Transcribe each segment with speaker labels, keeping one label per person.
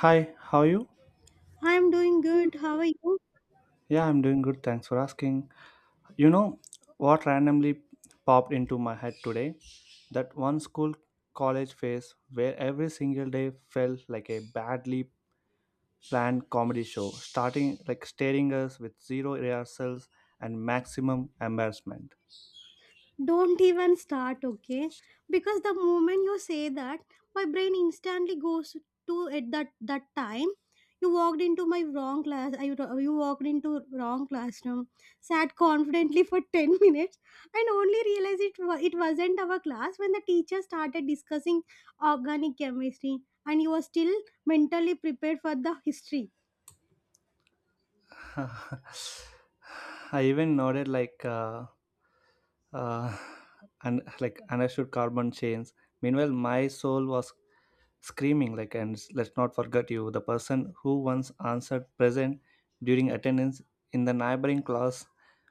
Speaker 1: Hi, how are you?
Speaker 2: I'm doing good. How are you?
Speaker 1: Yeah, I'm doing good. Thanks for asking. You know what randomly popped into my head today? That one school college phase where every single day felt like a badly planned comedy show, starting like staring us with zero rehearsals and maximum embarrassment.
Speaker 2: Don't even start, okay? Because the moment you say that, my brain instantly goes to at that time. You walked into my wrong class. I, you walked into wrong classroom. Sat confidently for 10 minutes, and only realized it wasn't our class when the teacher started discussing organic chemistry, and you were still mentally prepared for the history.
Speaker 1: I even nodded like uh, and like understood carbon chains. Meanwhile, my soul was screaming like and let's not forget you the person who once answered present during attendance in the neighboring class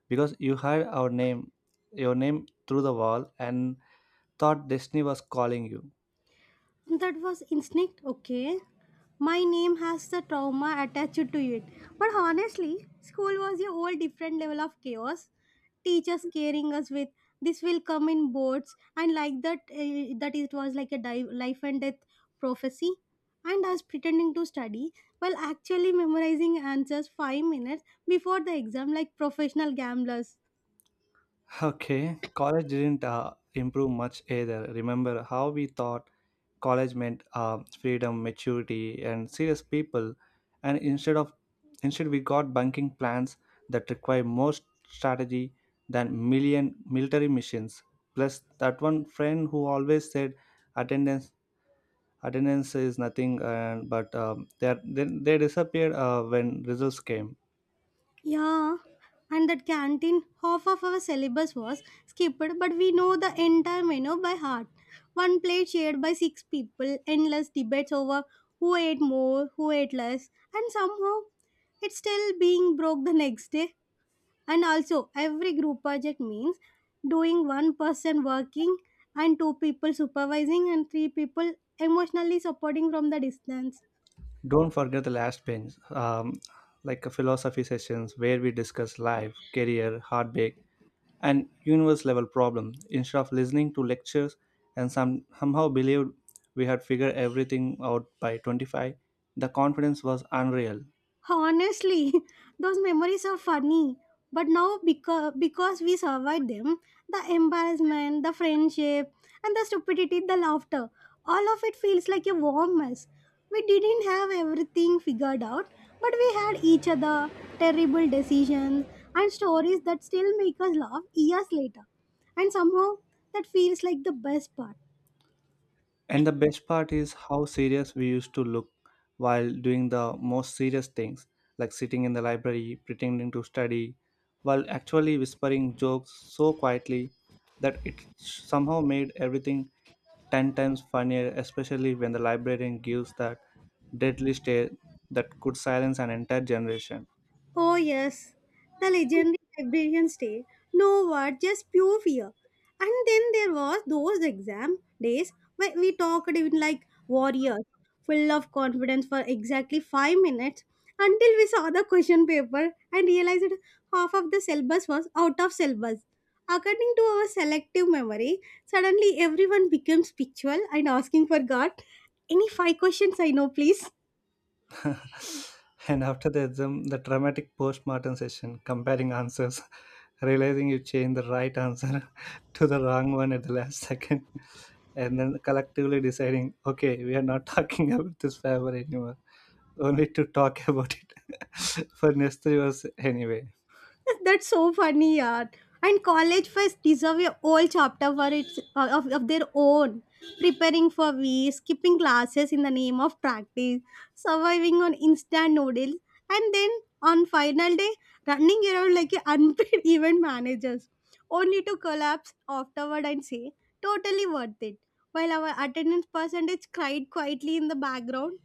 Speaker 1: because you heard our name your name through the wall and thought destiny was calling you.
Speaker 2: That was instinct, okay. My name has the trauma attached to it. But honestly, school was a whole different level of chaos. Teachers scaring us with this will come in boards and like that it was like a life and death prophecy and us pretending to study while actually memorizing answers 5 minutes before the exam like professional gamblers.
Speaker 1: Okay, college didn't improve much either. Remember how we thought college meant freedom, maturity, and serious people, and instead we got bunking plans that require more strategy than million military missions. Plus, that one friend who always said attendance attendance is nothing, and but they disappeared when results came.
Speaker 2: Yeah, and that canteen, half of our syllabus was skipped, but we know the entire menu by heart. One plate shared by 6 people, endless debates over who ate more, who ate less, and somehow it's still being broke the next day. And also, every group project means doing one person working and 2 people supervising and 3 people emotionally supporting from the distance.
Speaker 1: Don't forget the last bench, like a philosophy sessions where we discuss life, career, heartbreak, and universe level problems. Instead of listening to lectures and somehow believed we had figured everything out by 25, the confidence was unreal.
Speaker 2: Honestly, those memories are funny, but now because we survived them, the embarrassment, the friendship, and the stupidity, the laughter, all of it feels like a warm mess. We didn't have everything figured out, but we had each other, terrible decisions, and stories that still make us laugh years later. And somehow that feels like the best part.
Speaker 1: And the best part is how serious we used to look while doing the most serious things, like sitting in the library, pretending to study, while actually whispering jokes so quietly that it somehow made everything 10 times funnier, especially when the librarian gives that deadly stare that could silence an entire generation.
Speaker 2: Oh, yes, the legendary librarians day. No word, just pure fear. And then there was those exam days where we talked even like warriors, full of confidence for exactly 5 minutes until we saw the question paper and realized that half of the syllabus was out of syllabus. According to our selective memory, suddenly everyone becomes spiritual and asking for God. Any five questions I know, please?
Speaker 1: And after the exam, the dramatic post-mortem session, comparing answers, realizing you changed the right answer to the wrong one at the last second, and then collectively deciding, okay, we are not talking about this favor anymore, only to talk about it for next 3 hours anyway.
Speaker 2: That's so funny, yeah. And college fest deserve a whole chapter for its of their own. Preparing for V, skipping classes in the name of practice, surviving on instant noodles, and then on final day running around like a unpaid event managers, only to collapse afterward and say totally worth it. While our attendance percentage cried quietly in the background.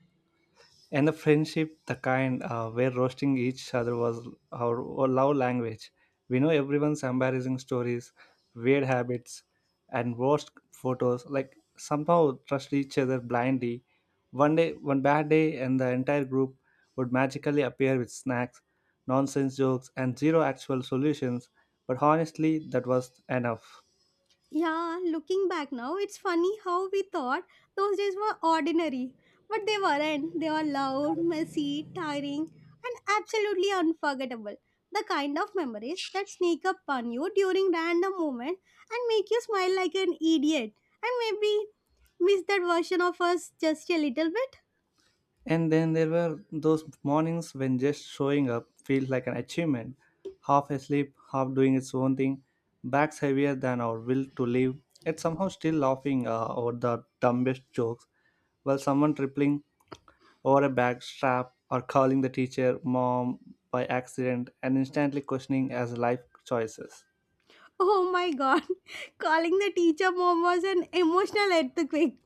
Speaker 1: And the friendship the kind where roasting each other was our love language, we know everyone's embarrassing stories, weird habits, and worst photos like somehow trust each other blindly, one day one bad day and the entire group would magically appear with snacks, nonsense jokes, and zero actual solutions, but honestly that was enough.
Speaker 2: Yeah, looking back now, it's funny how we thought those days were ordinary. But they weren't. They were loud, messy, tiring, and absolutely unforgettable. The kind of memories that sneak up on you during random moments and make you smile like an idiot. And maybe miss that version of us just a little bit.
Speaker 1: And then there were those mornings when just showing up feels like an achievement. Half asleep, half doing its own thing, backs heavier than our will to live, yet somehow still laughing over the dumbest jokes while someone tripling over a bag strap or calling the teacher mom by accident and instantly questioning as life choices.
Speaker 2: Oh my god. Calling the teacher mom was an emotional earthquake.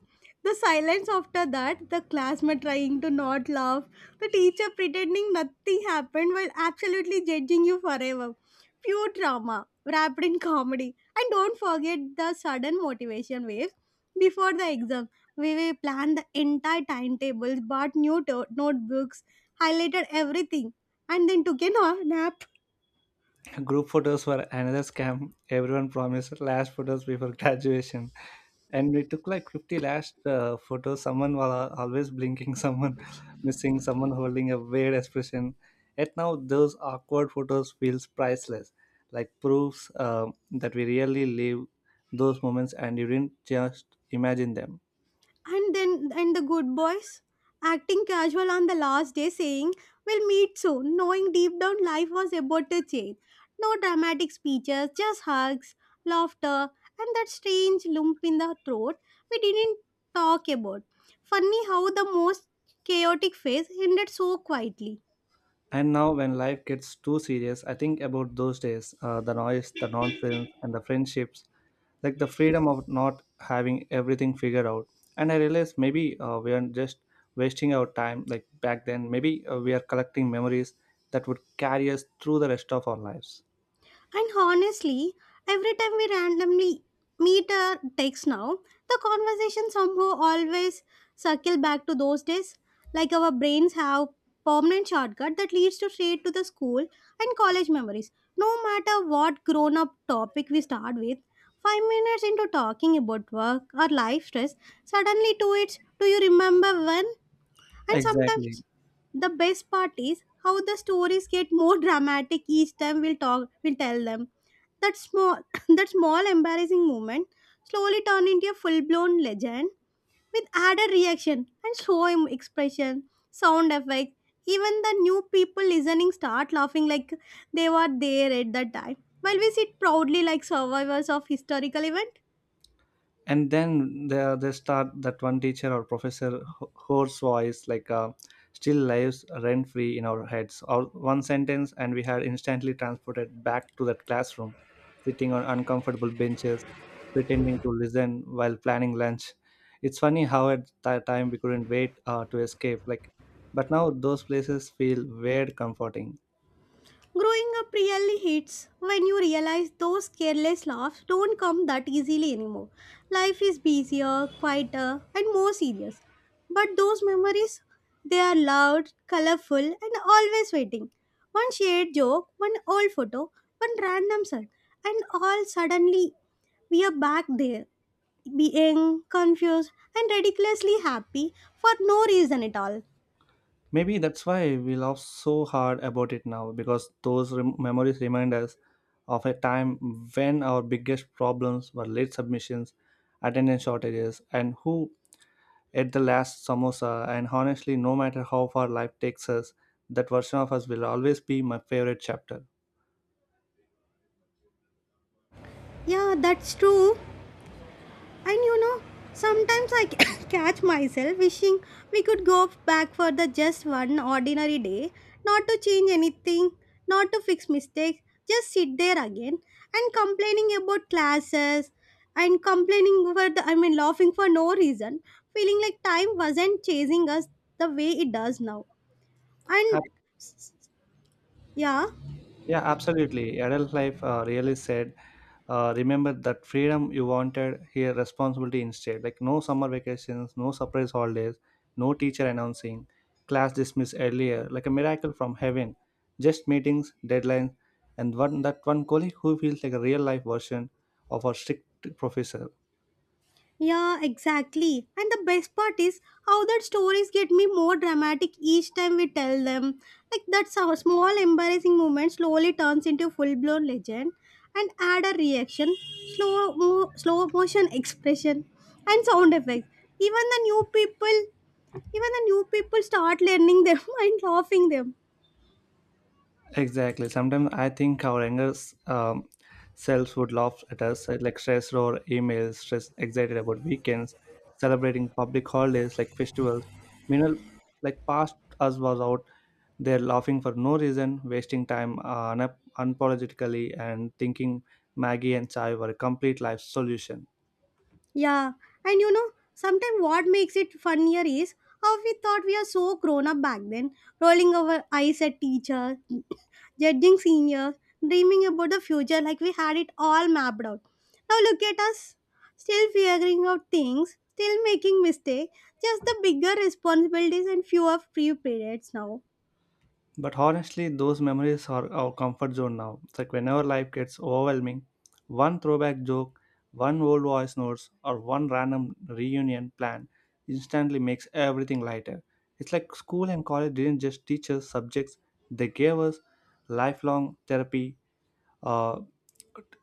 Speaker 2: The silence after that, the classmate trying to not laugh, the teacher pretending nothing happened while absolutely judging you forever. Pure drama wrapped in comedy. And don't forget the sudden motivation waves before the exam. We will plan the entire timetables, bought new notebooks, highlighted everything, and then took a nap.
Speaker 1: Group photos were another scam. Everyone promised last photos before graduation. And we took like 50 last photos. Someone was always blinking, someone missing, someone holding a weird expression. Yet now those awkward photos feels priceless, like proofs that we really live those moments and you didn't just imagine them.
Speaker 2: And then and the good boys acting casual on the last day saying we'll meet soon, knowing deep down life was about to change. No dramatic speeches, just hugs, laughter, and that strange lump in the throat we didn't talk about. Funny how the most chaotic phase ended so quietly.
Speaker 1: And now, when life gets too serious, I think about those days the noise, the nonsense, and the friendships, like the freedom of not having everything figured out. And I realized maybe we aren't just wasting our time like back then, maybe we are collecting memories that would carry us through the rest of our lives.
Speaker 2: And honestly, every time we randomly meet or text now, the conversation somehow always circle back to those days. Like our brains have permanent shortcut that leads to straight to the school and college memories. No matter what grown up topic we start with, 5 minutes into talking about work or life stress, suddenly to it, do you remember when? And
Speaker 1: Exactly.
Speaker 2: sometimes the best part is how the stories get more dramatic each time we'll tell them. That small that small embarrassing moment slowly turn into a full blown legend with added reaction and expression, sound effects. Even the new people listening start laughing like they were there at that time. While we sit proudly like survivors of historical event.
Speaker 1: And then they start that one teacher or professor whose voice like still lives rent free in our heads or one sentence and we had instantly transported back to that classroom sitting on uncomfortable benches pretending to listen while planning lunch. It's funny how at that time we couldn't wait to escape like, but now those places feel weird comforting.
Speaker 2: Growing up really hits when you realize those careless laughs don't come that easily anymore. Life is busier, quieter, and more serious. But those memories, they are loud, colorful, and always waiting. One shared joke, one old photo, one random song, and all suddenly we are back there, being confused and ridiculously happy for no reason at all.
Speaker 1: Maybe that's why we laugh so hard about it now because those memories remind us of a time when our biggest problems were late submissions, attendance shortages, and who ate the last samosa. And honestly, no matter how far life takes us, that version of us will always be my favorite chapter.
Speaker 2: Yeah, that's true. And you know, sometimes I catch myself wishing we could go back for the just one ordinary day, not to change anything, not to fix mistakes, just sit there again and complaining about classes and complaining for laughing for no reason, feeling like time wasn't chasing us the way it does now. And
Speaker 1: Ab-
Speaker 2: yeah.
Speaker 1: Yeah, absolutely. Adult life really said remember that freedom you wanted here responsibility instead like no summer vacations, no surprise holidays, no teacher announcing class dismissed earlier like a miracle from heaven, just meetings deadlines and one that one colleague who feels like a real life version of our strict professor.
Speaker 2: Yeah, exactly. And the best part is how that stories get me more dramatic each time we tell them. Like that small embarrassing moment slowly turns into a full blown legend and add a reaction, slow motion expression, and sound effects. Even the new people, even the new people start learning them and laughing them.
Speaker 1: Exactly. Sometimes I think our younger um, selves would laugh at us, like stressed or emails, stressed, excited about weekends, celebrating public holidays like festivals. Meanwhile, like past us was out there laughing for no reason, wasting time unapologetically, and thinking Maggie and chai were a complete life solution.
Speaker 2: Yeah, and you know, sometimes what makes it funnier is how we thought we are so grown up back then, rolling our eyes at teachers, judging seniors, dreaming about the future like we had it all mapped out. Now look at us, still figuring out things, still making mistakes, just the bigger responsibilities and fewer free periods now.
Speaker 1: But honestly, those memories are our comfort zone now. It's like whenever life gets overwhelming, one throwback joke, one old voice notes, or one random reunion plan instantly makes everything lighter. It's like school and college didn't just teach us subjects, they gave us lifelong therapy, uh,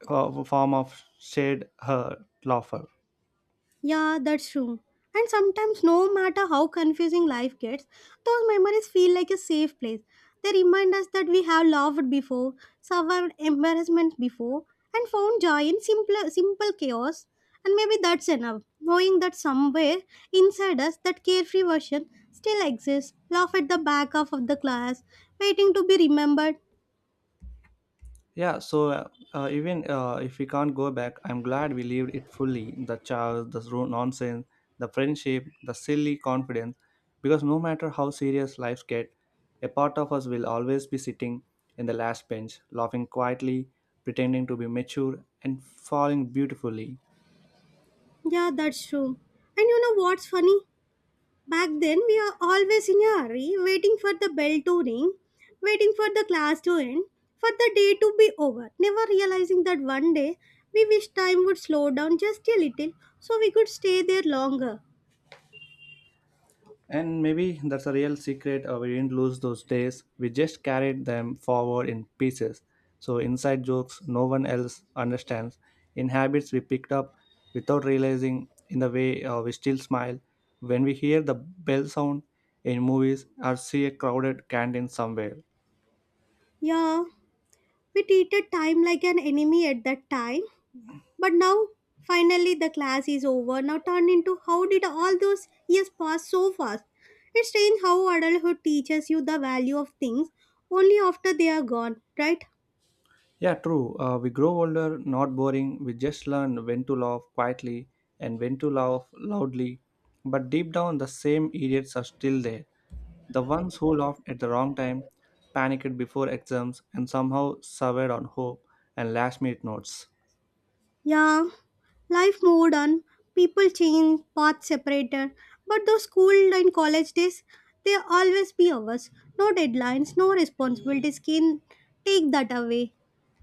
Speaker 1: a form of shared laughter.
Speaker 2: Yeah, that's true. And sometimes, no matter how confusing life gets, those memories feel like a safe place. They remind us that we have loved before, survived embarrassment before, and found joy in simple chaos. And maybe that's enough, knowing that somewhere inside us, that carefree version still exists, laugh at the back half of the class, waiting to be remembered.
Speaker 1: Yeah, so even if we can't go back, I'm glad we lived it fully the chaos, the nonsense, the friendship, the silly confidence. Because no matter how serious lives get, a part of us will always be sitting in the last bench, laughing quietly, pretending to be mature, and falling beautifully.
Speaker 2: Yeah, that's true. And you know what's funny? Back then, we are always in a hurry, waiting for the bell to ring, waiting for the class to end, for the day to be over, never realizing that one day we wish time would slow down just a little so we could stay there longer.
Speaker 1: And maybe that's a real secret. We didn't lose those days. We just carried them forward in pieces. So, inside jokes no one else understands, in habits we picked up without realizing, in the way we still smile when we hear the bell sound in movies or see a crowded canteen somewhere.
Speaker 2: Yeah, we treated time like an enemy at that time, but now finally the class is over, now turned into how did all those years pass so fast? It's strange how adulthood teaches you the value of things only after they are gone, right?
Speaker 1: Yeah, true. We grow older, not boring. We just learn when to laugh quietly and when to laugh loudly. But deep down, the same idiots are still there. The ones who laughed at the wrong time, panicked before exams, and somehow survived on hope and last minute notes.
Speaker 2: Yeah, life moved on, people change, paths separated, but those school and college days, they always be ours. No deadlines, no responsibilities can take that away.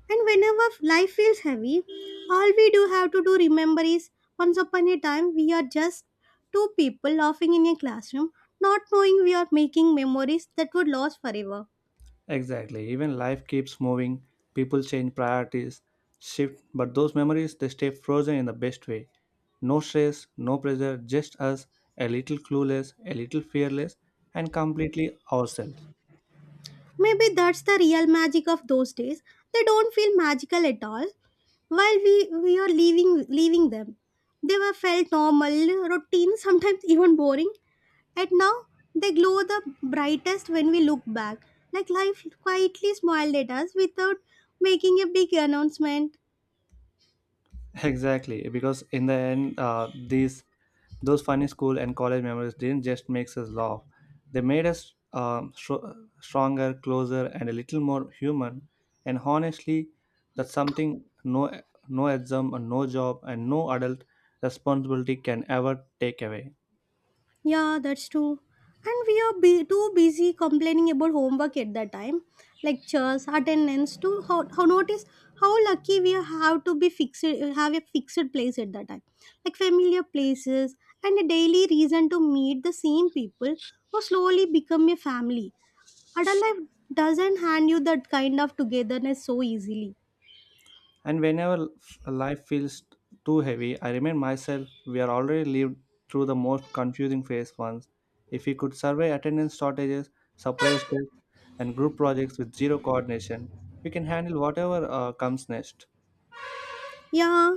Speaker 2: And whenever life feels heavy, all we do have to do remember is once upon a time we are just two people laughing in a classroom, not knowing we are making memories that would last forever.
Speaker 1: Exactly. Even life keeps moving, people change priorities, shift, but those memories they stay frozen in the best way. No stress, no pressure, just us, a little clueless, a little fearless, and completely ourselves.
Speaker 2: Maybe that's the real magic of those days. They don't feel magical at all. While we are leaving them, they were felt normal, routine, sometimes even boring. And now they glow the brightest when we look back. Like life quietly smiled at us without making a big announcement.
Speaker 1: Exactly, because in the end, these those funny school and college memories didn't just make us laugh; they made us stronger, closer, and a little more human. And honestly, that's something no exam, and no job, and no adult responsibility can ever take away.
Speaker 2: Yeah, that's true. And we are too busy complaining about homework at that time, lectures, attendance. To how notice how lucky we are have a fixed place at that time, like familiar places and a daily reason to meet the same people who slowly become a family. Adult life doesn't hand you that kind of togetherness so easily.
Speaker 1: And whenever life feels too heavy, I remind myself we are already lived through the most confusing phase once. If we could survey attendance shortages, surprise tests, and group projects with zero coordination, we can handle whatever comes next.
Speaker 2: Yeah,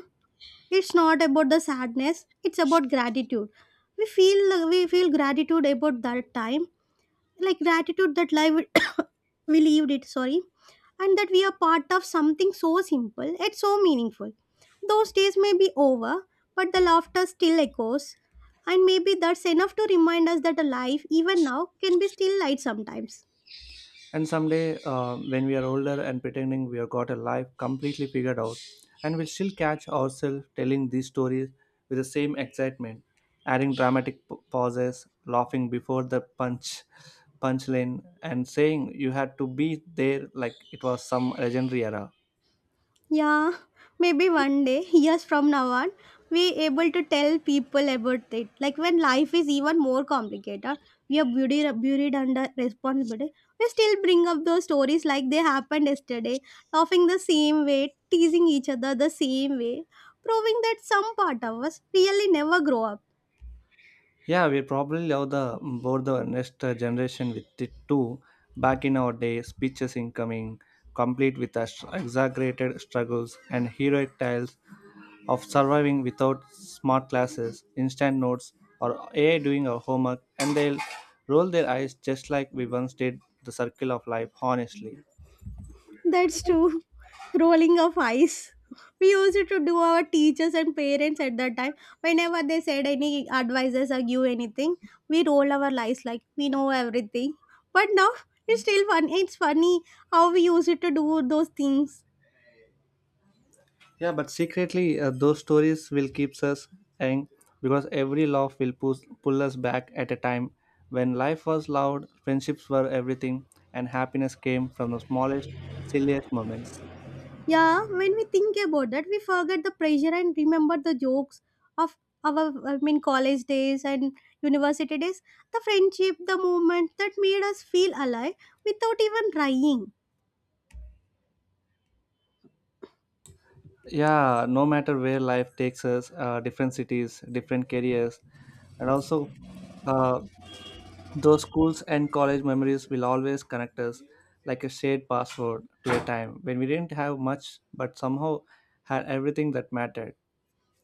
Speaker 2: it's not about the sadness; it's about gratitude. We feel gratitude about that time, like gratitude that life we lived it, sorry. And that we are part of something so simple yet so meaningful. Those days may be over, but the laughter still echoes, and maybe that's enough to remind us that a life even now can be still light sometimes.
Speaker 1: And someday, when we are older and pretending we have got a life completely figured out, and we'll still catch ourselves telling these stories with the same excitement, adding dramatic pauses, laughing before the punchline, and saying you had to be there like it was some legendary era.
Speaker 2: Yeah, maybe one day, years from now on, we able to tell people about it. Like when life is even more complicated, we are buried under responsibility. We still bring up those stories like they happened yesterday, laughing the same way, teasing each other the same way, proving that some part of us really never grow up.
Speaker 1: Yeah, we probably love the board the next generation with it too. Back in our day, speeches incoming, complete with exaggerated struggles and heroic tales of surviving without smart classes, instant notes, or AI doing our homework, and they'll roll their eyes just like we once did the circle of life, honestly.
Speaker 2: That's true. Rolling of eyes. We used to do our teachers and parents at that time. Whenever they said any advices or give anything, we roll our eyes like we know everything. But now it's still fun. It's funny how we used to do those things.
Speaker 1: Yeah, but secretly, those stories will keep us young because every laugh will pull us back at a time when life was loud, friendships were everything, and happiness came from the smallest, silliest moments.
Speaker 2: Yeah, when we think about that, we forget the pressure and remember the jokes of our college days and university days. The friendship, the moment that made us feel alive without even trying.
Speaker 1: Yeah, no matter where life takes us, different cities, different careers, and also uh, those schools and college memories will always connect us like a shared password to a time when we didn't have much but somehow had everything that mattered.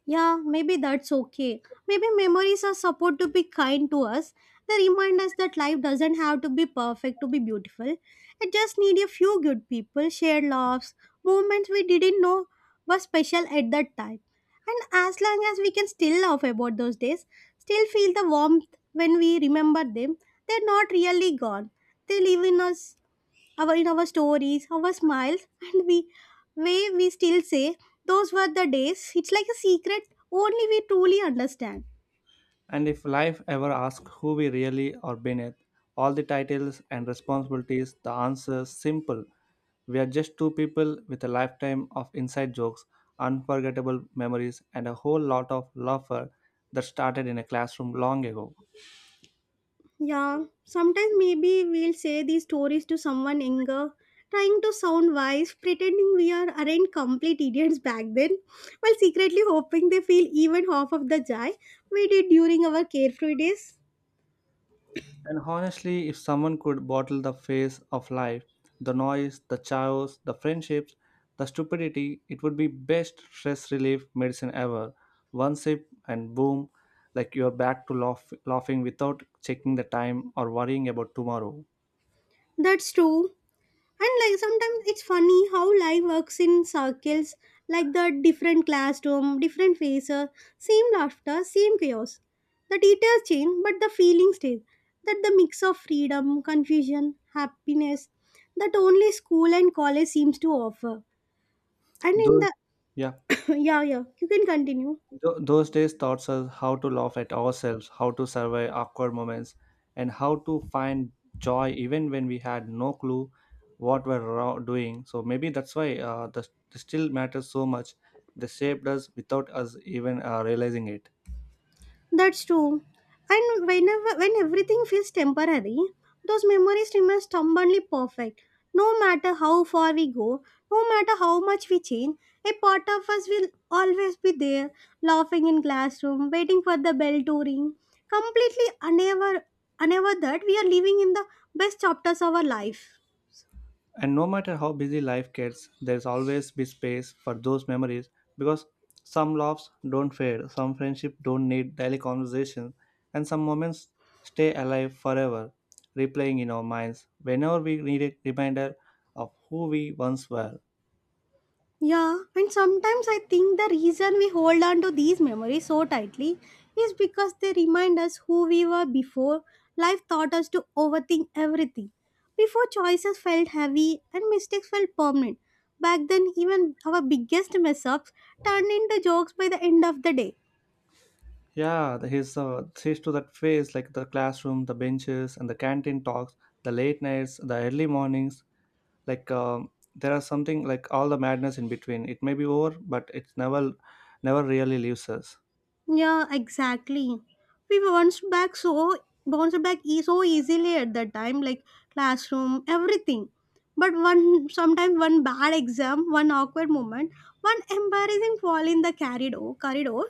Speaker 2: Yeah, maybe that's okay. Maybe memories are supposed to be kind to us. They remind us that life doesn't have to be perfect to be beautiful. It just need a few good people, shared laughs, moments we didn't know were special at that time. And as long as we can still laugh about those days, still feel the warmth when we remember them, they're not really gone. They live in us our in our stories, our smiles, and we way we still say those were the days. It's like a secret only we truly understand.
Speaker 1: And if life ever asks who we really are beneath, all the titles and responsibilities, the answer is simple. We are just two people with a lifetime of inside jokes, unforgettable memories, and a whole lot of laughter that started in a classroom long ago.
Speaker 2: Yeah, sometimes maybe we'll say these stories to someone younger, trying to sound wise, pretending we aren't complete idiots back then, while secretly hoping they feel even half of the joy we did during our carefree days.
Speaker 1: And honestly, if someone could bottle the face of life, the noise, the chaos, the friendships, the stupidity, it would be best stress relief medicine ever. One sip and boom, like you're back to laughing without checking the time or worrying about tomorrow.
Speaker 2: That's true. And like sometimes it's funny how life works in circles, like the different classroom, different faces, same laughter, same chaos. The details change, but the feeling stays. That the mix of freedom, confusion, happiness, that only school and college seems to offer. And in
Speaker 1: Though,
Speaker 2: the
Speaker 1: yeah.
Speaker 2: yeah, you can continue.
Speaker 1: Those days taught us how to laugh at ourselves, how to survive awkward moments, and how to find joy even when we had no clue what we're doing. So maybe that's why the still matters so much. They shaped us without us even realizing it.
Speaker 2: That's true. And whenever when everything feels temporary, those memories remain stubbornly perfect. No matter how far we go, no matter how much we change, a part of us will always be there, laughing in classroom, waiting for the bell to ring, completely unaware, unaware that we are living in the best chapters of our life.
Speaker 1: And no matter how busy life gets, there's always be space for those memories because some loves don't fade, some friendships don't need daily conversation, and some moments stay alive forever, replaying in our minds whenever we need a reminder of who we once were.
Speaker 2: Yeah, and sometimes I think the reason we hold on to these memories so tightly is because they remind us who we were before life taught us to overthink everything. Before choices felt heavy and mistakes felt permanent. Back then, even our biggest mess ups turned into jokes by the end of the day.
Speaker 1: Yeah, the- his to that phase, like the classroom, the benches, and the canteen talks, the late nights, the early mornings, like there are something like all the madness in between it may be over but it's never really leaves us.
Speaker 2: Yeah, exactly. We bounced back so bounced back so easily at that time, like classroom, everything. But one sometimes one bad exam, one awkward moment, one embarrassing fall in the corridor, corridor,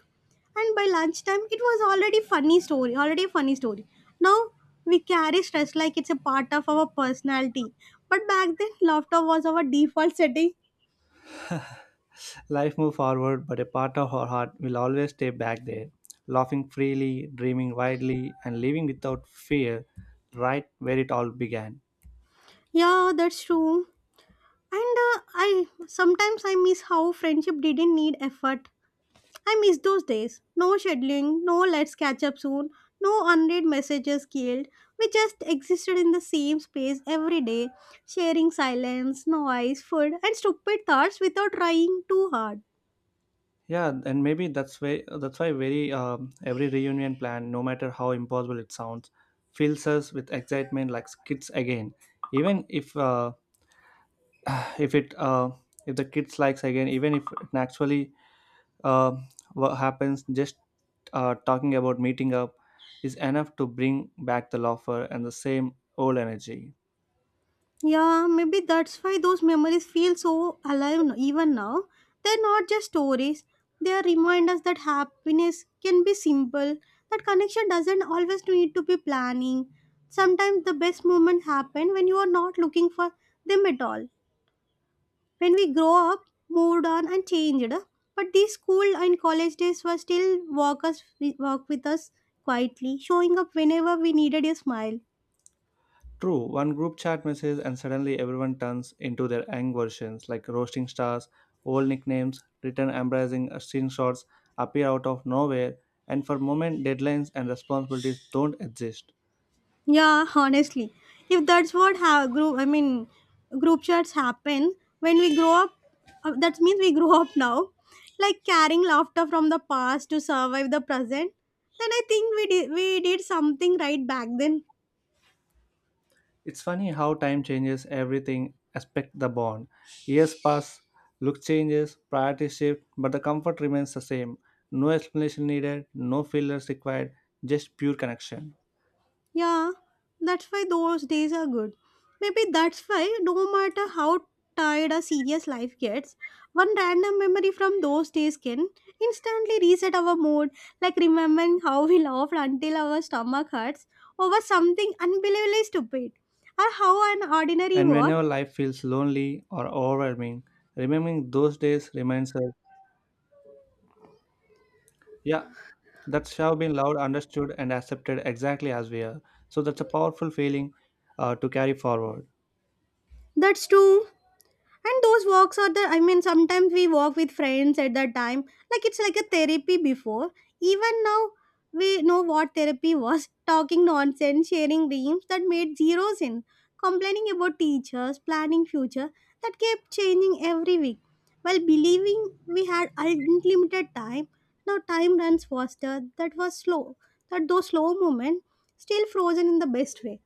Speaker 2: and by lunchtime it was already funny story, already a funny story. Now we carry stress like it's a part of our personality. But back then, laughter was our default setting.
Speaker 1: Life move forward but a part of our heart will always stay back there laughing freely, dreaming widely, and living without fear right where it all began.
Speaker 2: Yeah, that's true. And I sometimes I miss how friendship didn't need effort. I miss those days. No scheduling, no let's catch up soon, no unread messages killed. We just existed in the same space every day, sharing silence, noise, food, and stupid thoughts without trying too hard.
Speaker 1: Yeah, and maybe that's why very every reunion plan no matter how impossible it sounds fills us with excitement like kids again, even if it if the kids likes again even if it actually uh, what happens just talking about meeting up is enough to bring back the loafer and the same old energy.
Speaker 2: Yeah, maybe that's why those memories feel so alive even now. They're not just stories, they are reminders that happiness can be simple, that connection doesn't always need to be planning. Sometimes the best moments happen when you are not looking for them at all. When we grow up, moved on, and changed, but these school and college days were still walk, us, walk with us quietly, showing up whenever we needed a smile.
Speaker 1: True, one group chat message and suddenly everyone turns into their ang versions like roasting stars, old nicknames, written embracing screenshots appear out of nowhere and for moment deadlines and responsibilities don't exist.
Speaker 2: Yeah, honestly, if that's what group, I mean, group chats happen when we grow up. That means we grow up now, like carrying laughter from the past to survive the present. Then I think we did something right back then.
Speaker 1: It's funny how time changes everything aspect the bond. Years pass, look changes, priorities shift, but the comfort remains the same. No explanation needed, no fillers required, just pure connection.
Speaker 2: Yeah, that's why those days are good. Maybe that's why, no matter how tired a serious life gets, one random memory from those days can instantly reset our mood, like remembering how we laughed until our stomach hurts over something unbelievably stupid, or how an ordinary
Speaker 1: And
Speaker 2: walk.
Speaker 1: whenever life feels lonely or overwhelming, remembering those days reminds us, yeah, that's have been loved, understood, and accepted exactly as we are. So that's a powerful feeling to carry forward.
Speaker 2: That's true. And those walks are the, I mean sometimes we walk with friends at that time, like it's like a therapy before even now we know what therapy was. Talking nonsense, sharing dreams that made zero sense, complaining about teachers, planning future that kept changing every week, while believing we had unlimited time. Now time runs faster that was slow, that those slow moments still frozen in the best way.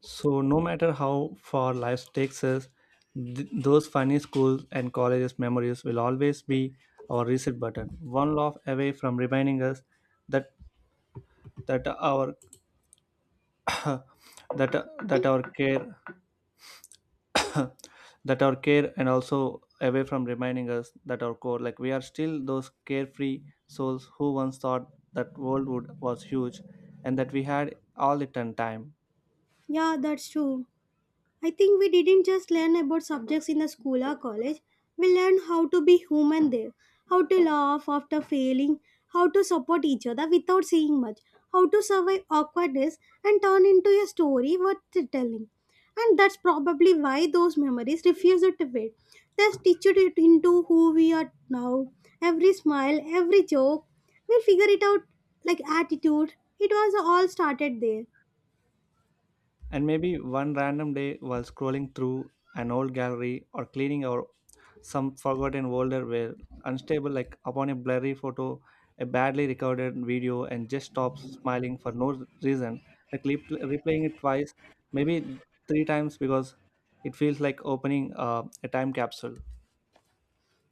Speaker 1: So, no matter how far life takes us, those funny schools and colleges memories will always be our reset button, one laugh away from reminding us that that our that that our care that our care and also away from reminding us that our core like we are still those carefree souls who once thought that world would was huge and that we had all the time.
Speaker 2: Yeah, that's true. I think we didn't just learn about subjects in the school or college. We learned how to be human there, how to laugh after failing, how to support each other without saying much, how to survive awkwardness and turn into a story worth telling. And that's probably why those memories refuse to fade. They stitched it into who we are now. Every smile, every joke, we'll figure it out like attitude. It was all started there.
Speaker 1: And maybe one random day while scrolling through an old gallery or cleaning out some forgotten folder where unstable like upon a blurry photo, a badly recorded video and just stops smiling for no reason, like replaying it twice, maybe three times because it feels like opening a time capsule.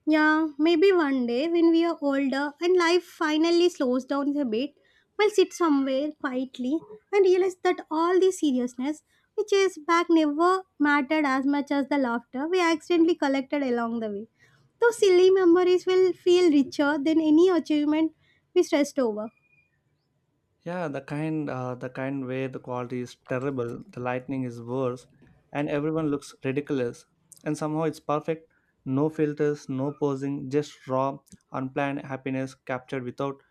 Speaker 2: Yeah, maybe one day when we are older and life finally slows down a bit, we'll sit somewhere quietly and realize that all the seriousness which is back never mattered as much as the laughter we accidentally collected along the way. Those silly memories will feel richer than any achievement we stressed over.
Speaker 1: Yeah, the kind where the quality is terrible, the lightning is worse, and everyone looks ridiculous. And somehow it's perfect. No filters, no posing, just raw, unplanned happiness captured without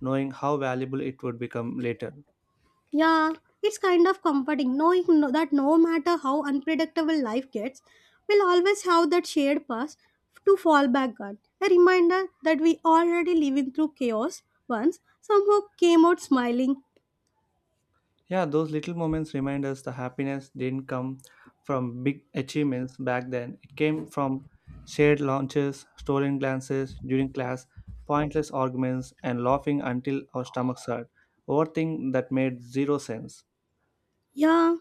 Speaker 1: knowing how valuable it would become later.
Speaker 2: Yeah, it's kind of comforting knowing that no matter how unpredictable life gets, we'll always have that shared past to fall back on. A reminder that we already living through chaos once somehow came out smiling.
Speaker 1: Yeah, those little moments remind us the happiness didn't come from big achievements back then. It came from shared lunches, stolen glances during class, pointless arguments, and laughing until our stomachs hurt over things that made zero sense.
Speaker 2: Yeah,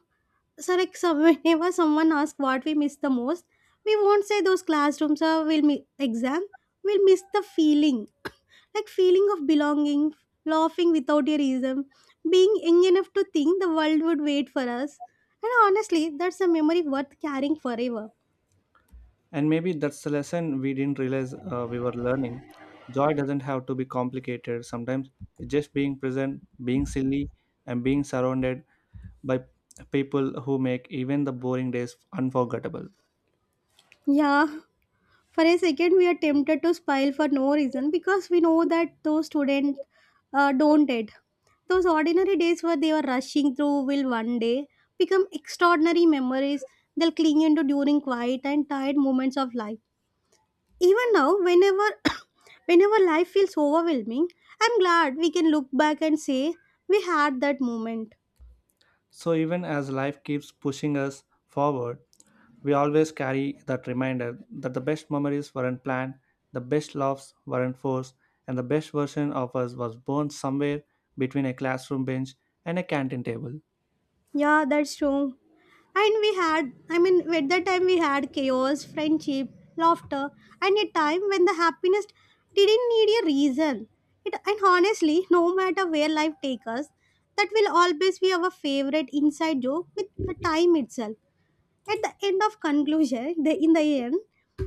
Speaker 2: so whenever someone asks what we miss the most, we won't say those classrooms or we'll miss exam. We'll miss the feeling, like feeling of belonging, laughing without a reason, being young enough to think the world would wait for us. And honestly, that's a memory worth carrying forever.
Speaker 1: And maybe that's the lesson we didn't realize we were learning. Joy doesn't have to be complicated. Sometimes it's just being present, being silly, and being surrounded by people who make even the boring days unforgettable.
Speaker 2: Yeah. For a second we are tempted to smile for no reason because we know that those students don't it those ordinary days where they were rushing through will one day become extraordinary memories they'll cling into during quiet and tired moments of life even now whenever whenever life feels overwhelming, I'm glad we can look back and say we had that moment.
Speaker 1: So, even as life keeps pushing us forward, we always carry that reminder that the best memories weren't planned, the best laughs weren't forced, and the best version of us was born somewhere between a classroom bench and a canteen table.
Speaker 2: Yeah, that's true. And we had, I mean, at that time we had chaos, friendship, laughter, and a time when the happiness didn't need a reason. It, and honestly, no matter where life takes us, that will always be our favorite inside joke with the time itself. At the end of conclusion, the, in the end,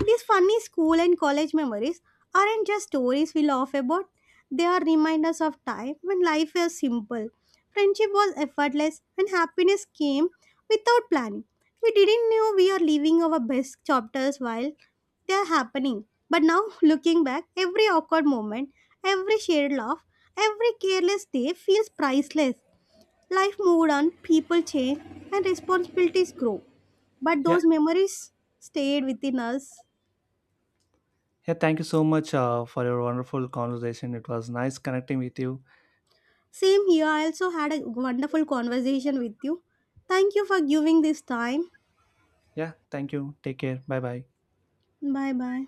Speaker 2: these funny school and college memories aren't just stories we laugh about. They are reminders of time when life was simple, friendship was effortless, and happiness came without planning. We didn't know we are living our best chapters while they are happening. But now, looking back, every awkward moment, every shared laugh, every careless day feels priceless. Life moved on, people change, and responsibilities grow but
Speaker 1: Yeah,
Speaker 2: those memories stayed within us.
Speaker 1: yeah, thank you so much for your wonderful conversation. It was nice connecting with you.
Speaker 2: Same here, I also had a wonderful conversation with you. Thank you for giving this time.
Speaker 1: Yeah, thank you. Take care. Bye bye.
Speaker 2: Bye bye.